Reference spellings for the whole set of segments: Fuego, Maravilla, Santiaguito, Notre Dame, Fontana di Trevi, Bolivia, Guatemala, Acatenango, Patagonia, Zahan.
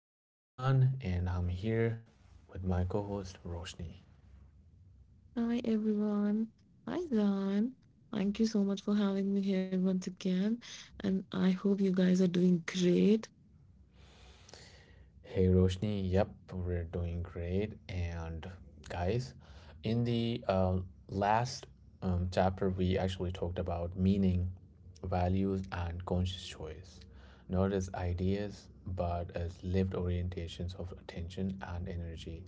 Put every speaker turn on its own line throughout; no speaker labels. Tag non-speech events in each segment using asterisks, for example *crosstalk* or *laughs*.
I'm Zahan and I'm here with my co host Roshni.
Hi everyone. Hi Zan. Thank you so much for having me here once again. And I hope you guys are doing great.
Hey Roshni, yep, we're doing great. And guys, in the last chapter, we actually talked about meaning, values, and conscious choice, not as ideas, but as lived orientations of attention and energy.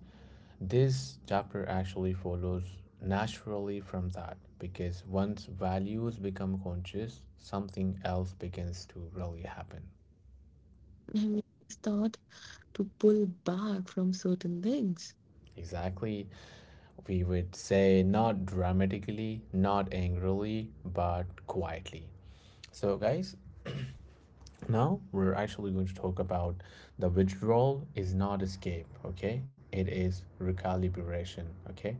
This chapter actually follows naturally from that because once values become conscious, something else begins to really happen.
I mean, Start to pull back from certain things.
Exactly, we would say not dramatically, not angrily, but quietly. So, guys, now we're actually going to talk about the withdrawal is not escape, okay? It is recalibration, okay?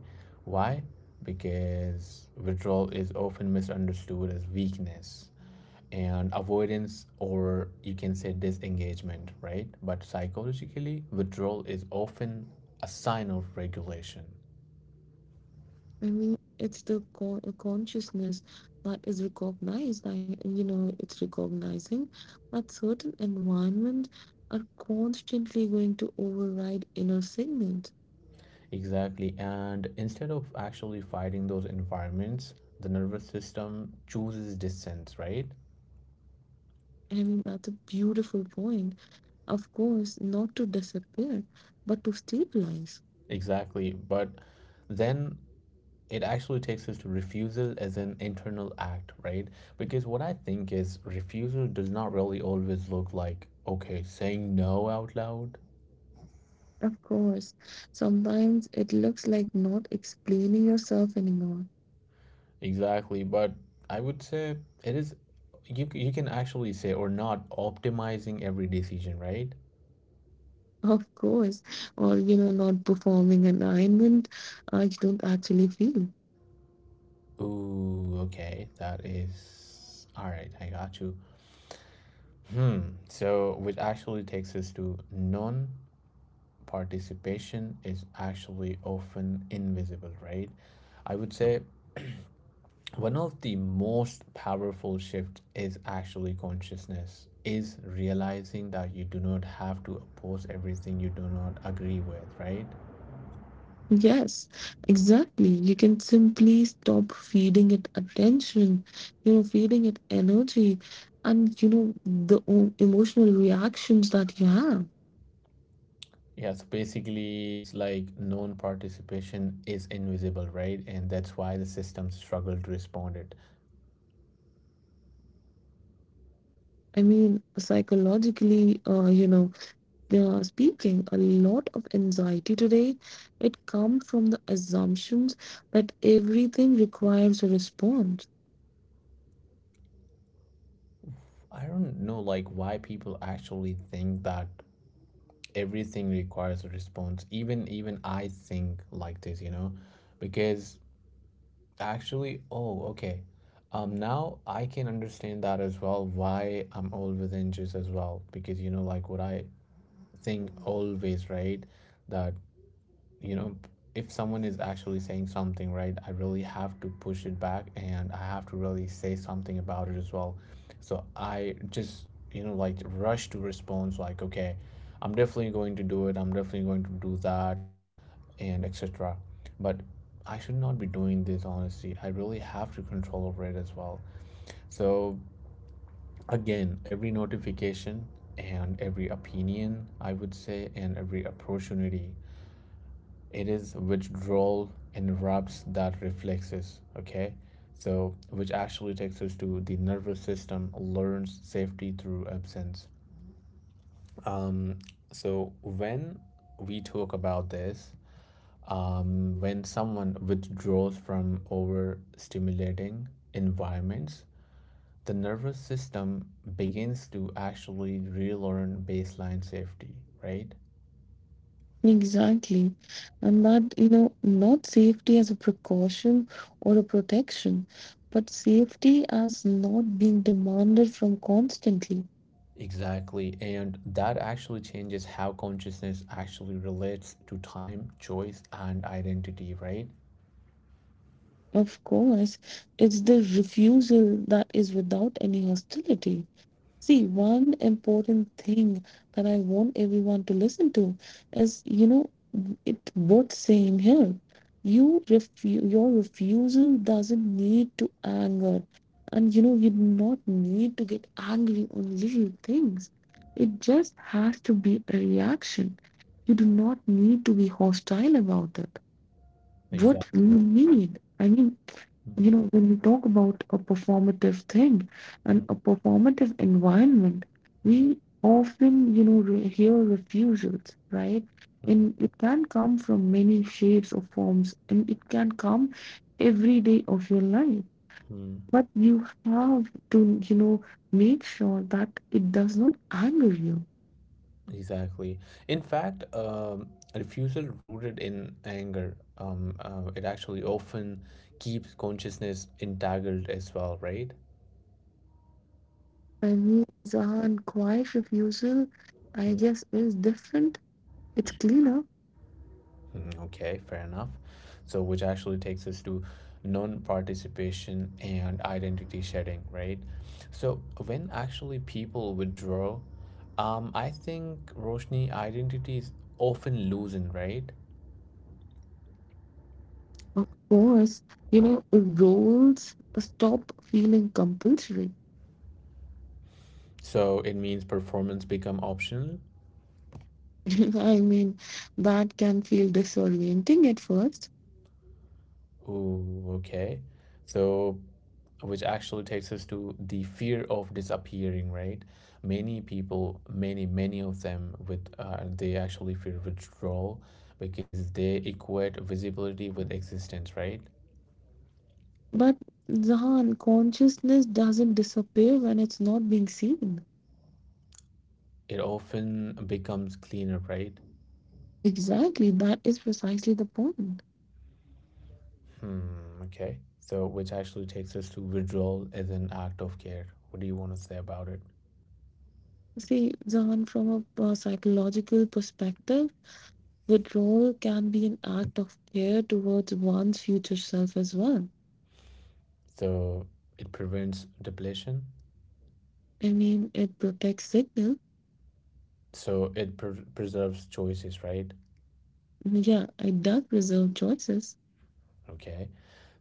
Why? Because withdrawal is often misunderstood as weakness and avoidance, or you can say disengagement, right? But psychologically, withdrawal is often a sign of regulation.
It's the consciousness that is recognized. It's recognizing that certain environment are constantly going to override inner signals.
Exactly. And instead of actually fighting those environments, the nervous system chooses distance, right?
I mean, that's a beautiful point. Of course, not to disappear, but to stabilize.
Exactly. But then it actually takes us to refusal as an internal act, right? Because what I think is refusal does not really always look like, okay, saying no out loud.
Of course, sometimes it looks like not explaining yourself anymore.
Exactly. But I would say it is, you can actually say, or not optimizing every decision, right?
*laughs* Of course, or you know, not performing an alignment you don't actually feel.
Ooh, okay. That is. All right, I got you. Hmm. So, which actually takes us to non participation is actually often invisible, right? I would say one of the most powerful shifts is actually consciousness, is realizing that you do not have to oppose everything you do not agree with, right?
Yes, exactly. You can simply stop feeding it attention, you know, feeding it energy, and you know, the emotional reactions that you have.
Yeah, so basically, it's like non participation is invisible, right? And that's why the system struggled to respond it.
I mean, psychologically, speaking, a lot of anxiety today. It comes from the assumptions that everything requires a response.
I don't know, like, why people actually think that everything requires a response even I think like this, you know, because actually, oh, okay, now I can understand that as well why I'm always anxious as well, because, you know, like what I think always, right, that, you know, if someone is actually saying something, right, I really have to push it back and I have to really say something about it as well. So I just, you know, like rush to response, like, okay, I'm definitely going to do it, I'm definitely going to do that, and etc. But I should not be doing this, honestly. I really have to control over it as well. So again, every notification and every opinion, I would say, and every opportunity, it is withdrawal interrupts that reflexes, okay? So which actually takes us to the nervous system learns safety through absence. um so when we talk about this, when someone withdraws from overstimulating environments, the nervous system begins to actually relearn baseline safety, right?
Exactly. And that, you know, not safety as a precaution or a protection, but safety as not being demanded from constantly.
Exactly, and that actually changes how consciousness actually relates to time, choice, and identity, right?
Of course, it's the refusal that is without any hostility. See, one important thing that I want everyone to listen to is, you know, it worth saying here. Your refusal doesn't need to anger. And you know, you do not need to get angry on little things. It just has to be a reaction. You do not need to be hostile about it. What you
Exactly.
need, you
Mhm.
know, when you talk about a performative thing and a performative environment,
Mm, mm,
we often, you know, hear refusals, right?
mm,
And it can come from many shapes or forms, and it can come every day of your life.
mm.
But you have to, you know, make sure that it does not anger you.
Exactly. In fact, a refusal rooted in anger, it actually often keeps consciousness entangled as well, right?
For me, Zahan, quiet refusal, I guess, is different. It's cleaner.
Mm, okay, fair enough. So, which actually takes us to non participation and identity shedding, right? So, when actually people withdraw, I think Roshni identities often loosened, right?
Of course, you know, roles stop feeling compulsory.
So, it means performance become optional.
*laughs* I mean, that can feel disorienting at first,
Oh, okay. So, which actually takes us to the fear of disappearing, right? Many people, many, many of them, with they actually fear withdrawal because they equate visibility with existence, right?
but Zahan, consciousness doesn't disappear when it's not being seen.
It often becomes cleaner, right?
Exactly, that is precisely the point.
Hmm, okay. So, which actually takes us to withdrawal as an act of care. What do you want to say about it?
See, Zahan, from a psychological perspective, withdrawal can be an act of care towards one's future self as well.
So, it prevents depletion.
I mean, it protects signal.
So, it preserves choices, right?
Yeah, it does preserve choices.
Okay,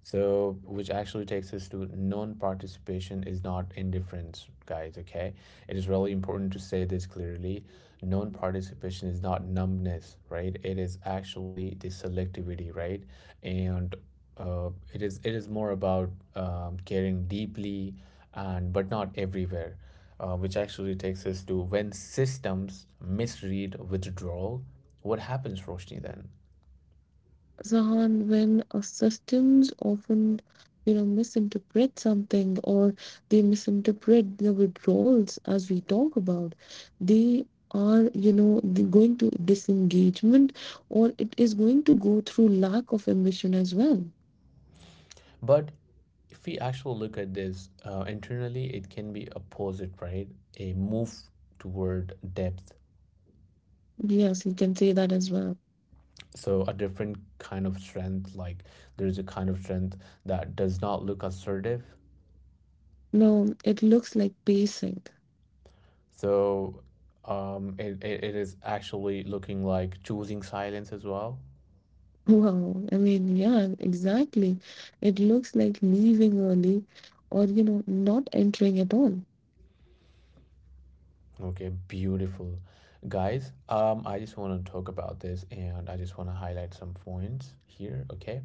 so which actually takes us to non-participation is not indifference, guys. Okay, it is really important to say this clearly. Non-participation is not numbness, right? It is actually the selectivity, right? And it is more about caring deeply and but not everywhere, which actually takes us to when systems misread withdrawal. What happens, Roshni, then?
Zahan, when systems often, you know, misinterpret something or they misinterpret the withdrawals as we talk about, they are, you know, going to disengagement or it is going to go through lack of ambition as well.
But if we actually look at this internally, it can be opposite, right? A move toward depth.
Yes, you can say that as well.
So a different kind of strength, like there's a kind of strength that does not look assertive.
No, it looks like pacing. *laughs*
So it is actually looking like choosing silence as well.
Wow. I mean, yeah, exactly. It looks like leaving early or, you know, not entering at all.
Okay, beautiful. Guys, I just want to talk about this and I just want to highlight some points here, okay?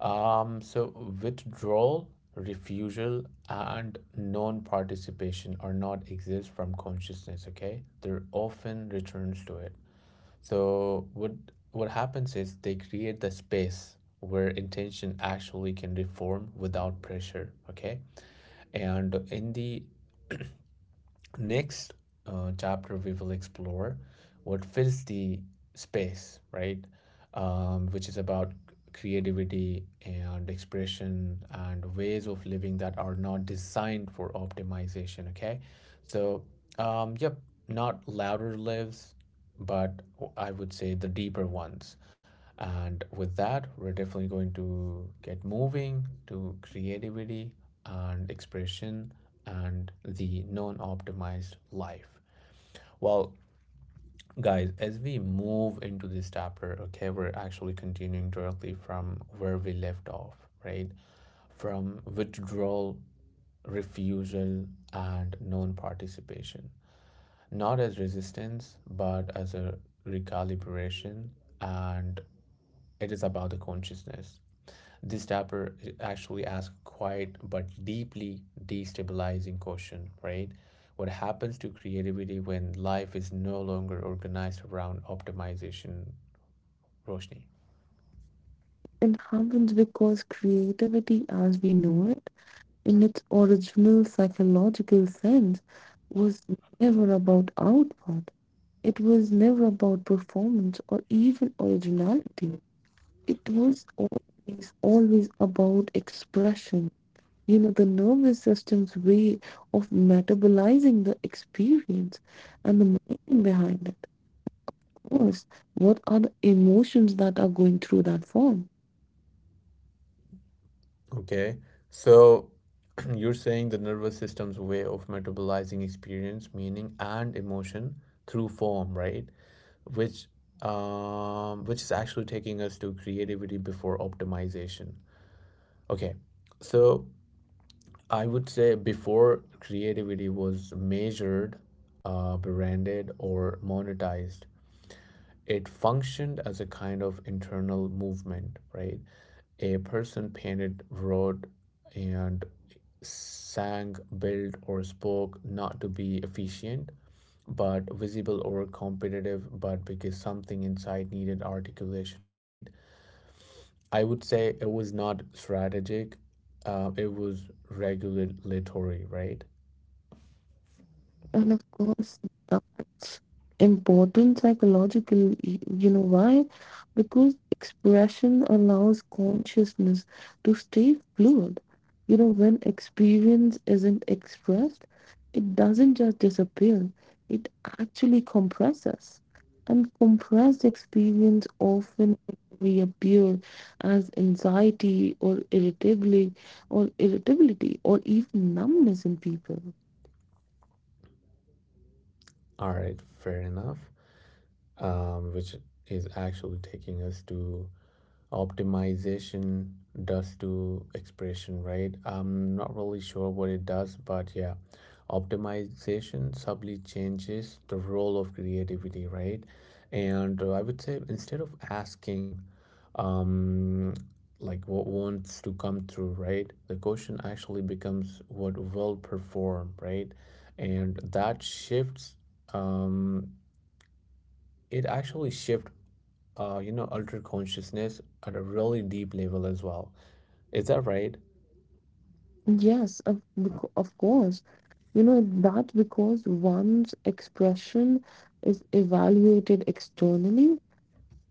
So withdrawal, refusal, and non-participation are not exist from consciousness, okay? They're often returns to it. So what happens is they create the space where intention actually can reform without pressure, okay? And in the next chapter we will explore what fills the space, right? Which is about creativity and expression and ways of living that are not designed for optimization, okay? So yep, not louder lives, but I would say the deeper ones. And with that, we're definitely going to get moving to creativity and expression and the non optimized life. Well, guys, as we move into this chapter, okay, we're actually continuing directly from where we left off, right? From withdrawal, refusal, and non participation. Not as resistance, but as a recalibration, and it is about the consciousness. This chapter actually asks quite but deeply destabilizing question, right? What happens to creativity when life is no longer organized around optimization, Roshni?
It happens because creativity, as we know it, in its original psychological sense, was never about output. It was never about performance or even originality. It was always, always about expression. You know, the nervous system's way of metabolizing the experience and the meaning behind it. Of course, what are the emotions that are going through that form?
Okay, so *clears throat* you're saying the nervous system's way of metabolizing experience, meaning, and emotion through form, right? Which which is actually taking us to creativity before optimization. Okay, so I would say before creativity was measured, branded, or monetized, it functioned as a kind of internal movement, right? A person painted, wrote, and sang, built, or spoke not to be efficient, but visible or competitive, but because something inside needed articulation, right? I would say it was not strategic, it was regulatory, right?
And of course, that's important psychological, you know why? Because expression allows consciousness to stay fluid. You know, when experience isn't expressed, it doesn't just disappear, it actually compresses. And compressed experience often reappear as anxiety or irritability or even numbness in people.
All right, fair enough. Which is actually taking us to optimization does to expression, right? I'm not really sure what it does, but yeah, optimization subtly changes the role of creativity, right? And I would say instead of asking, um, like what wants to come through, right? The question actually becomes what will perform, right? And that shifts um, it actually shift, you know, altered consciousness at a really deep level as well. Is that right?
Yes, of course. You know, that's because one's expression is evaluated externally.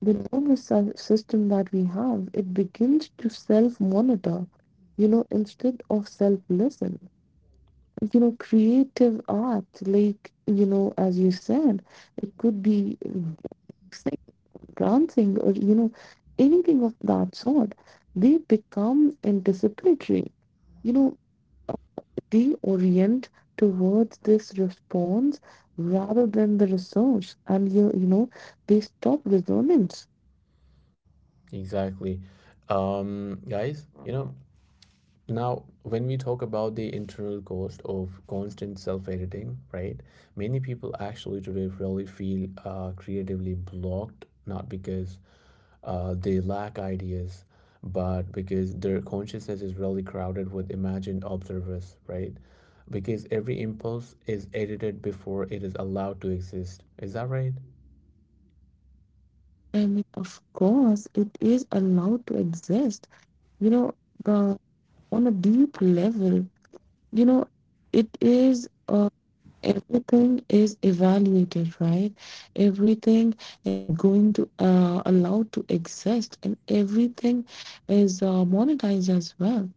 The system that we have, it begins to self-monitor, you know, instead of self-listen. You know, creative art, like, you know, as you said, it could be like dancing or, you know, anything of that sort. They become anticipatory. You know, we orient towards this response rather than the resource and you know they stop resonance.
Exactly. Guys, you know, now when we talk about the internal cost of constant self-editing, right, many people actually today really feel creatively blocked, not because they lack ideas, but because their consciousness is really crowded with imagined observers, right? Because every impulse is edited before it is allowed to exist. Is that right?
And of course it is allowed to exist, you know, uh, on a deep level, you know, it is, everything is evaluated, right? Everything is going to allowed to exist and everything is monetized as well.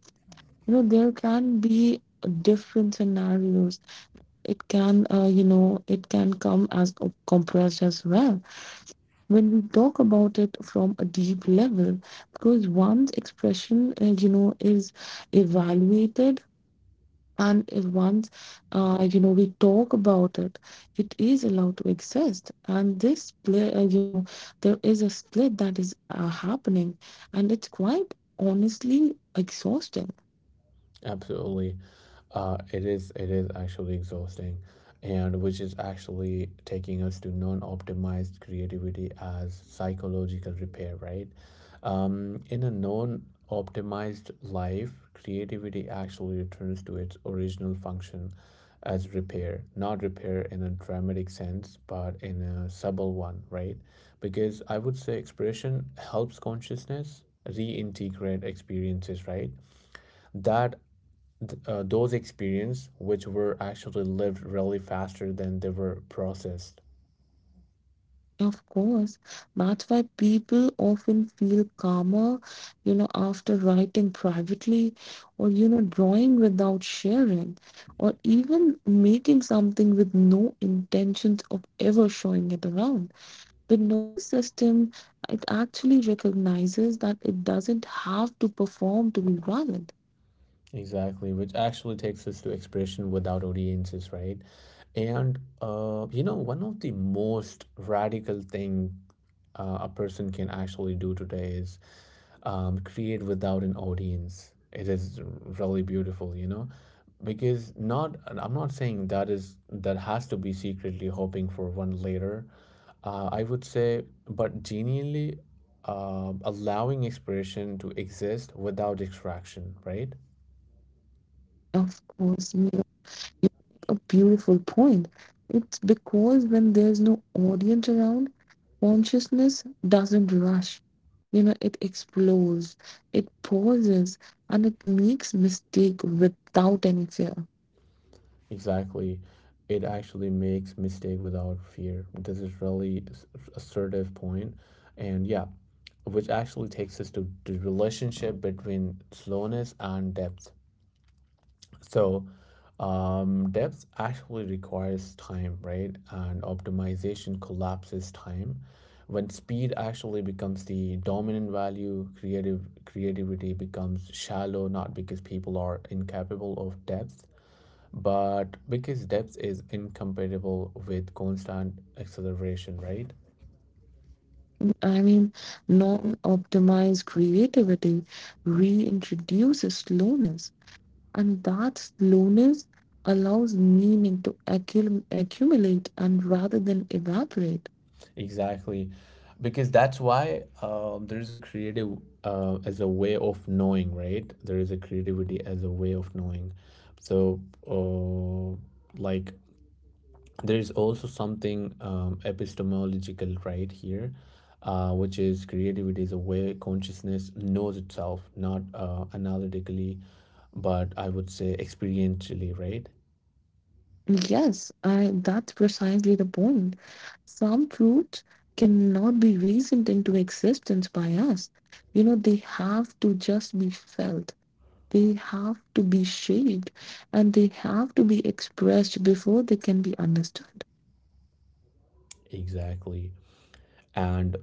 You know there can be different scenarios. It can, it can come as a compressed as well when we talk about it from a deep level, because one's expression, is evaluated. And if once, we talk about it, it is allowed to exist, and this split, there is a split that is happening, and it's quite honestly exhausting.
Absolutely. It is actually exhausting, and which is actually taking us to non-optimized creativity as psychological repair, right? In a non-optimized life, creativity actually returns to its original function as repair, not repair in a dramatic sense, but in a subtle one, right? Because I would say expression helps consciousness reintegrate experiences, right? that th- those experiences which were actually lived really faster than they were processed.
Of course, that's why people often feel calmer, you know, after writing privately or, you know, drawing without sharing or even making something with no intentions of ever showing it around. The nervous system, it actually recognizes that it doesn't have to perform to be valid.
Exactly, which actually takes us to expression without audiences, right? And you know, one of the most radical thing a person can actually do today is create without an audience. It is really beautiful, you know, because not I'm not saying that is that has to be secretly hoping for one later. I would say, but genuinely allowing expression to exist without distraction, right?
Of course, you make a beautiful point. It's because when there's no audience around, consciousness doesn't rush. You know, it explores, it pauses, and it makes mistake without any fear.
Exactly. It actually makes mistake without fear. This is really assertive point. And yeah, which actually takes us to the relationship between slowness and depth. So, depth actually requires time, right? And optimization collapses time. When speed actually becomes the dominant value, creative creativity becomes shallow, not because people are incapable of depth, but because depth is incompatible with constant acceleration, right?
I mean, non-optimized creativity reintroduces slowness, and that slowness allows meaning to accumulate and rather than evaporate.
Exactly. Because that's why there is a creative as a way of knowing, right, there is a creativity as a way of knowing. So uh, like there is also something epistemological right here, which is creativity is a way consciousness knows itself, not analytically, but I would say experientially, right?
Yes, that's precisely the point. Some truths cannot be reasoned into existence by us. You know, they have to just be felt, they have to be shaped, and they have to be expressed before they can be understood.
Exactly. And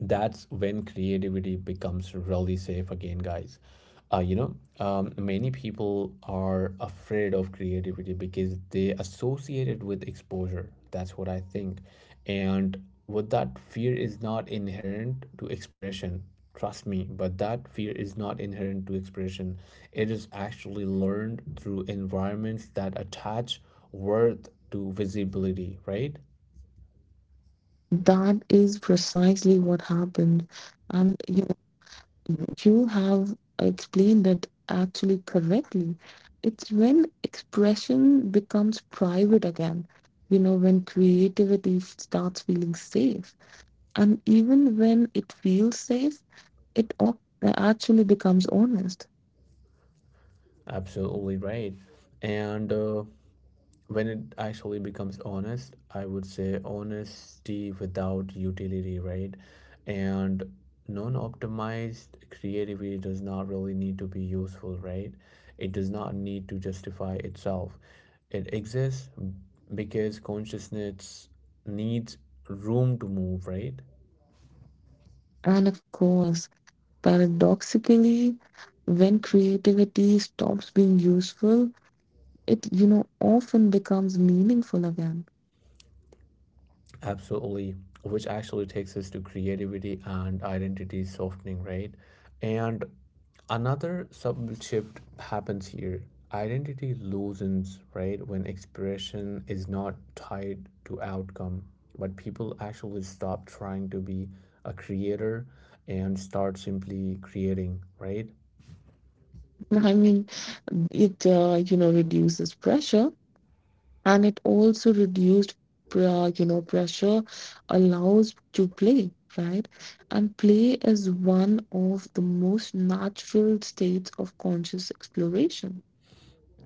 that's when creativity becomes really safe again, guys. You know, many people are afraid of creativity because they associate it with exposure. That's what I think. And what that fear is not inherent to expression. Trust me, but that fear is not inherent to expression. It is actually learned through environments that attach worth to visibility, right?
That is precisely what happened. And you have explained it actually correctly. It's when expression becomes private again, you know, when creativity starts feeling safe. And even when it feels safe, it actually becomes honest.
Absolutely right. And when it actually becomes honest, I would say honesty without utility, right? And non optimized creativity does not really need to be useful, right? It does not need to justify itself. It exists because consciousness needs room to move, right?
And of course, paradoxically, when creativity stops being useful, it, you know, often becomes meaningful again.
Absolutely, which actually takes us to creativity and identity softening, right? And another subtle shift happens here. Identity loosens, right? When expression is not tied to outcome, but people actually stop trying to be a creator and start simply creating, right?
*laughs* I mean, it, reduces pressure, and it also reduced pressure allows to play, right? And play is one of the most natural states of conscious exploration.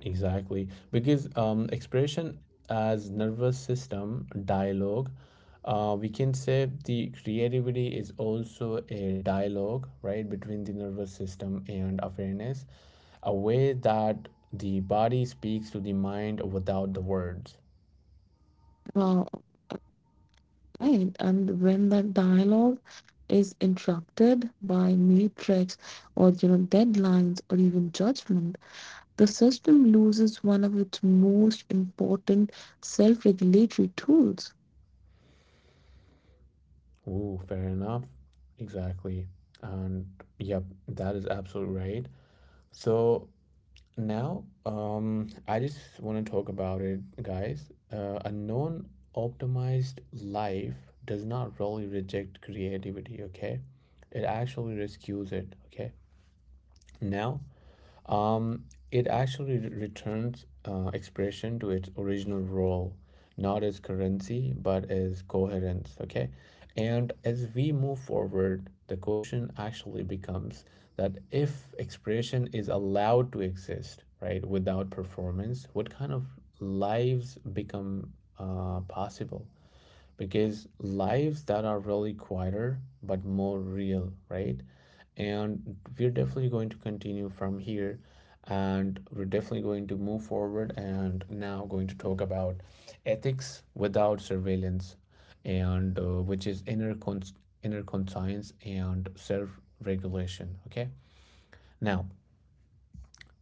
Exactly, because expression as nervous system dialogue, we can say the creativity is also a dialogue, right, between the nervous system and awareness, a way that the body speaks to the mind without the words.
Uh, right, and when that dialogue is interrupted by matrix or you know deadlines or even judgment, the system loses one of its most important self-regulatory tools.
Ooh, fair enough. Exactly. And yep, that is absolutely right. So Now, I just want to talk about it, guys. A non optimized life does not really reject creativity, okay? It actually rescues it, okay? Now, um, it actually returns expression to its original role, not as currency, but as coherence. Okay. And as we move forward, the question actually becomes that if expression is allowed to exist, right, without performance, what kind of lives become possible? Because lives that are really quieter but more real, right? And we're definitely going to continue from here and we're definitely going to move forward and now going to talk about ethics without surveillance and which is inner conscience and self regulation, okay? Now,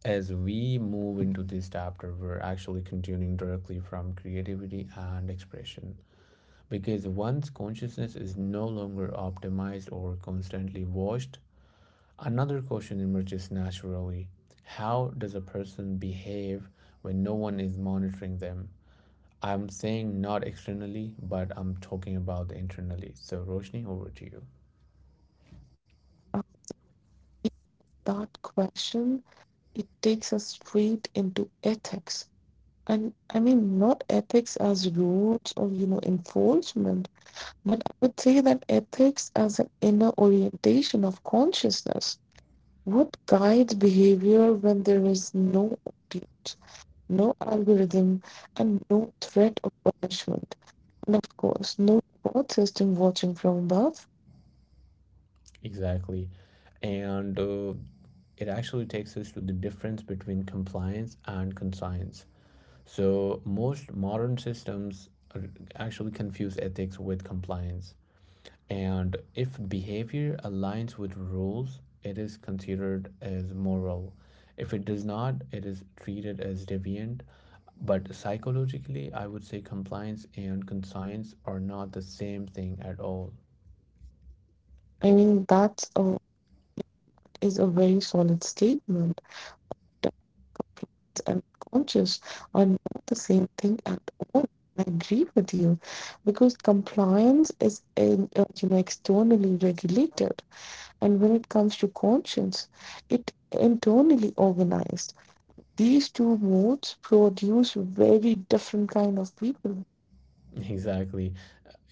as we move into this chapter, we're actually continuing directly from creativity and expression because once consciousness is no longer optimized or constantly washed, another question emerges naturally. How does a person behave when no one is monitoring them? I'm saying not externally, but I'm talking about internally. So, Roshni, over to you.
Uh, that question, it takes us straight into ethics. And not ethics as rules or, you know, enforcement, but I would say that ethics as an inner orientation of consciousness. What guides behavior when there is no audience, no algorithm, and no threat of punishment? And of course, no reward system watching from above.
Exactly. And it actually takes us to the difference between compliance and conscience. So, most modern systems actually confuse ethics with compliance. And if behavior aligns with rules, it is considered as moral. If it does not, it is treated as deviant. But psychologically, I would say compliance and conscience are not the same thing at all. *laughs*
I mean, that is a very solid statement. And conscious are not the same thing at all. I agree with you because compliance is in, you know externally regulated, and when it comes to conscience, it internally organized. These two modes produce very different kind of people.
Exactly.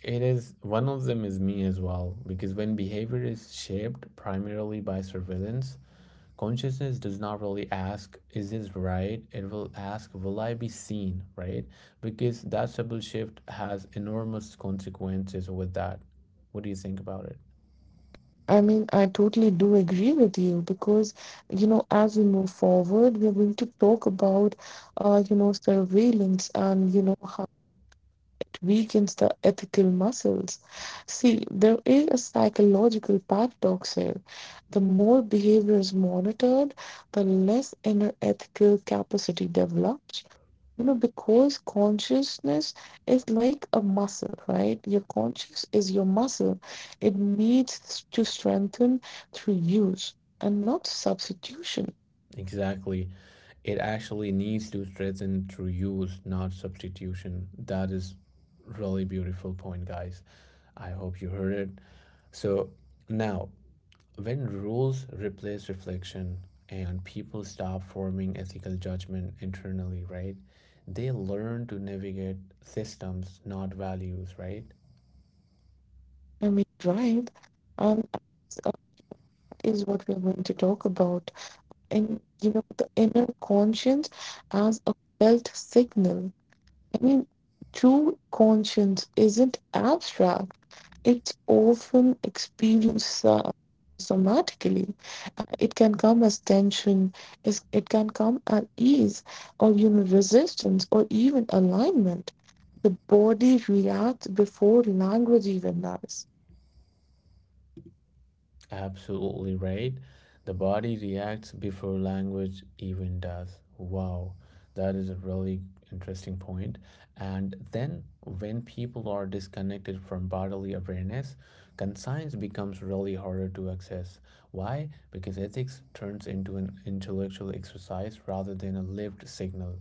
It is one of them is me as well, because when behavior is shaped primarily by surveillance, consciousness does not really ask, is this right? It will ask, will I be seen, right? Because that subtle shift has enormous consequences with that. What do you think about it?
I totally do agree with you because you know as we move forward, we're going to talk about you know surveillance and you know weakens the ethical muscles. See, there is a psychological paradox here. The more behavior is monitored, the less inner ethical capacity develops. You know, because consciousness is like a muscle, right? Your conscious is your muscle. It needs to strengthen through use and not substitution.
Exactly. It actually needs to strengthen through use, not substitution. That is really beautiful point, guys. I hope you heard it. So now, when rules replace reflection and people stop forming ethical judgment internally, right? They learn to navigate systems, not values, right?
Right? And uh, is what we're going to talk about. And you know the inner conscience as a felt signal. I mean, true conscience isn't abstract, it's often experienced somatically. It can come as tension, it can come as ease, or you know, resistance, or even alignment. The body reacts before language even does.
Absolutely right. The body reacts before language even does. Wow, that is a really interesting point. And then, when people are disconnected from bodily awareness, conscience becomes really harder to access. Why? Because ethics turns into an intellectual exercise rather than a lived signal,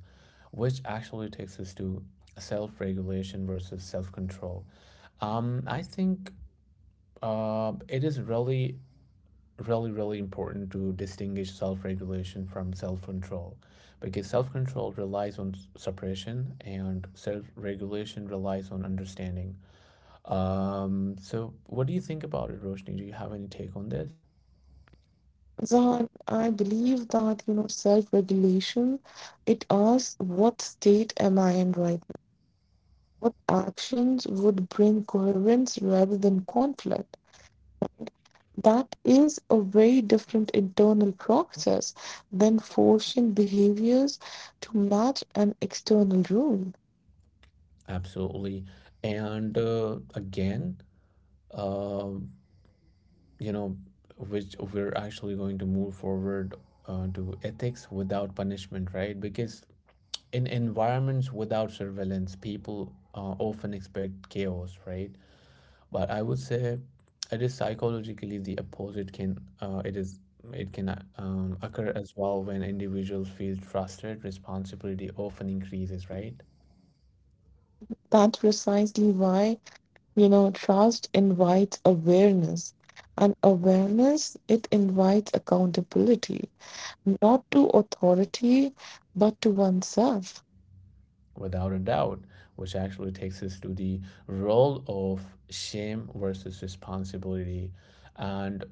which actually takes us to self regulation versus self control. I think it is really really, important to distinguish self regulation from self control because self control relies on suppression and self regulation relies on understanding. So, what do you think about it, Roshni? Do you have any take on this?
Zan, I believe that you know self-regulation, it asks what state am I in right now? What actions would bring coherence rather than conflict? That is a very different internal process than forcing behaviors to match an external rule.
Absolutely. And again, uh, you know, which we're actually going to move forward to ethics without punishment, right? Because in environments without surveillance, people often expect chaos, right? But I would say it is psychologically the opposite. Can it is it can occur as well when individuals feel trusted. Responsibility often increases, right?
That's precisely why, you know, trust invites awareness, and awareness, it invites accountability. Not to authority, but to oneself.
Without a doubt, which actually takes us to the role of shame versus responsibility, and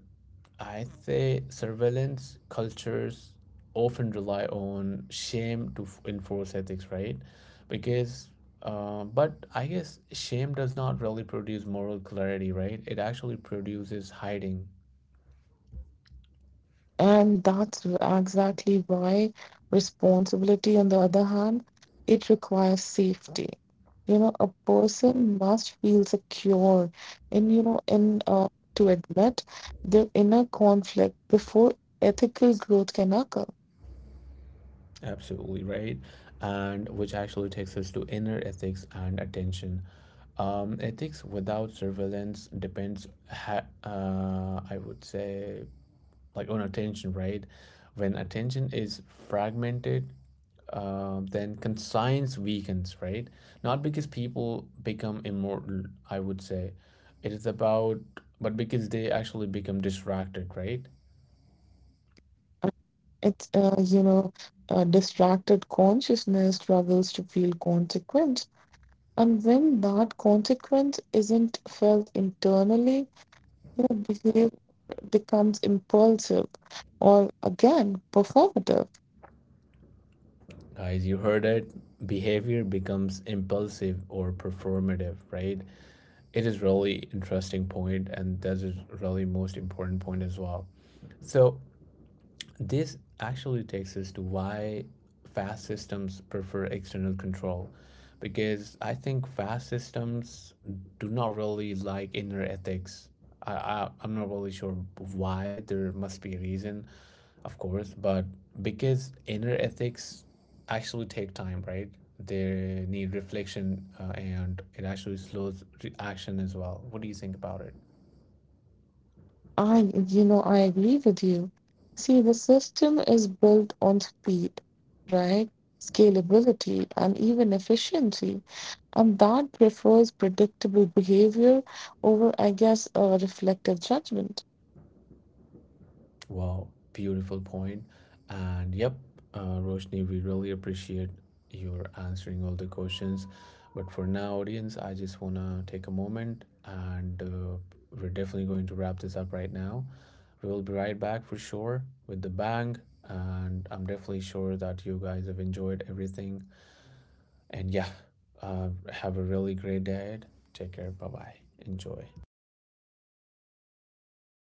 I say surveillance cultures often rely on shame to enforce ethics, right? Because, but I guess shame does not really produce moral clarity, right? It actually produces hiding.
And that's exactly why responsibility, on the other hand, it requires safety. You know, a person must feel secure and you know, in to admit their inner conflict before ethical growth can occur.
Absolutely, right? And which actually takes us to inner ethics and attention. Ethics without surveillance depends, I would say, like on attention, right? When attention is fragmented, then conscience weakens, right? Not because people become immortal, I would say. It is about, but because they actually become distracted, right?
It's, distracted consciousness struggles to feel consequence. And when that consequence isn't felt internally, you know, behavior becomes impulsive or again performative.
Guys, you heard it. Behavior becomes impulsive or performative, right? It is really interesting point, and that is really most important point as well. So this actually takes us to why fast systems prefer external control. Because I think fast systems do not really like inner ethics. I'm not really sure why. There must be a reason, of course, but because inner ethics actually take time, right? They need reflection and it actually slows action as well. What do you think about it?
I, I agree with you. See, the system is built on speed, right? Scalability and even efficiency. And that prefers predictable behavior over, I guess, a reflective judgment.
Wow, beautiful point. And yep, Roshni, we really appreciate your answering all the questions. But for now, audience, I just want to take a moment and we're definitely going to wrap this up right now. We will be right back for sure with the bang. And I'm definitely sure that you guys have enjoyed everything. And yeah, have a really great day. Take care. Bye bye. Enjoy.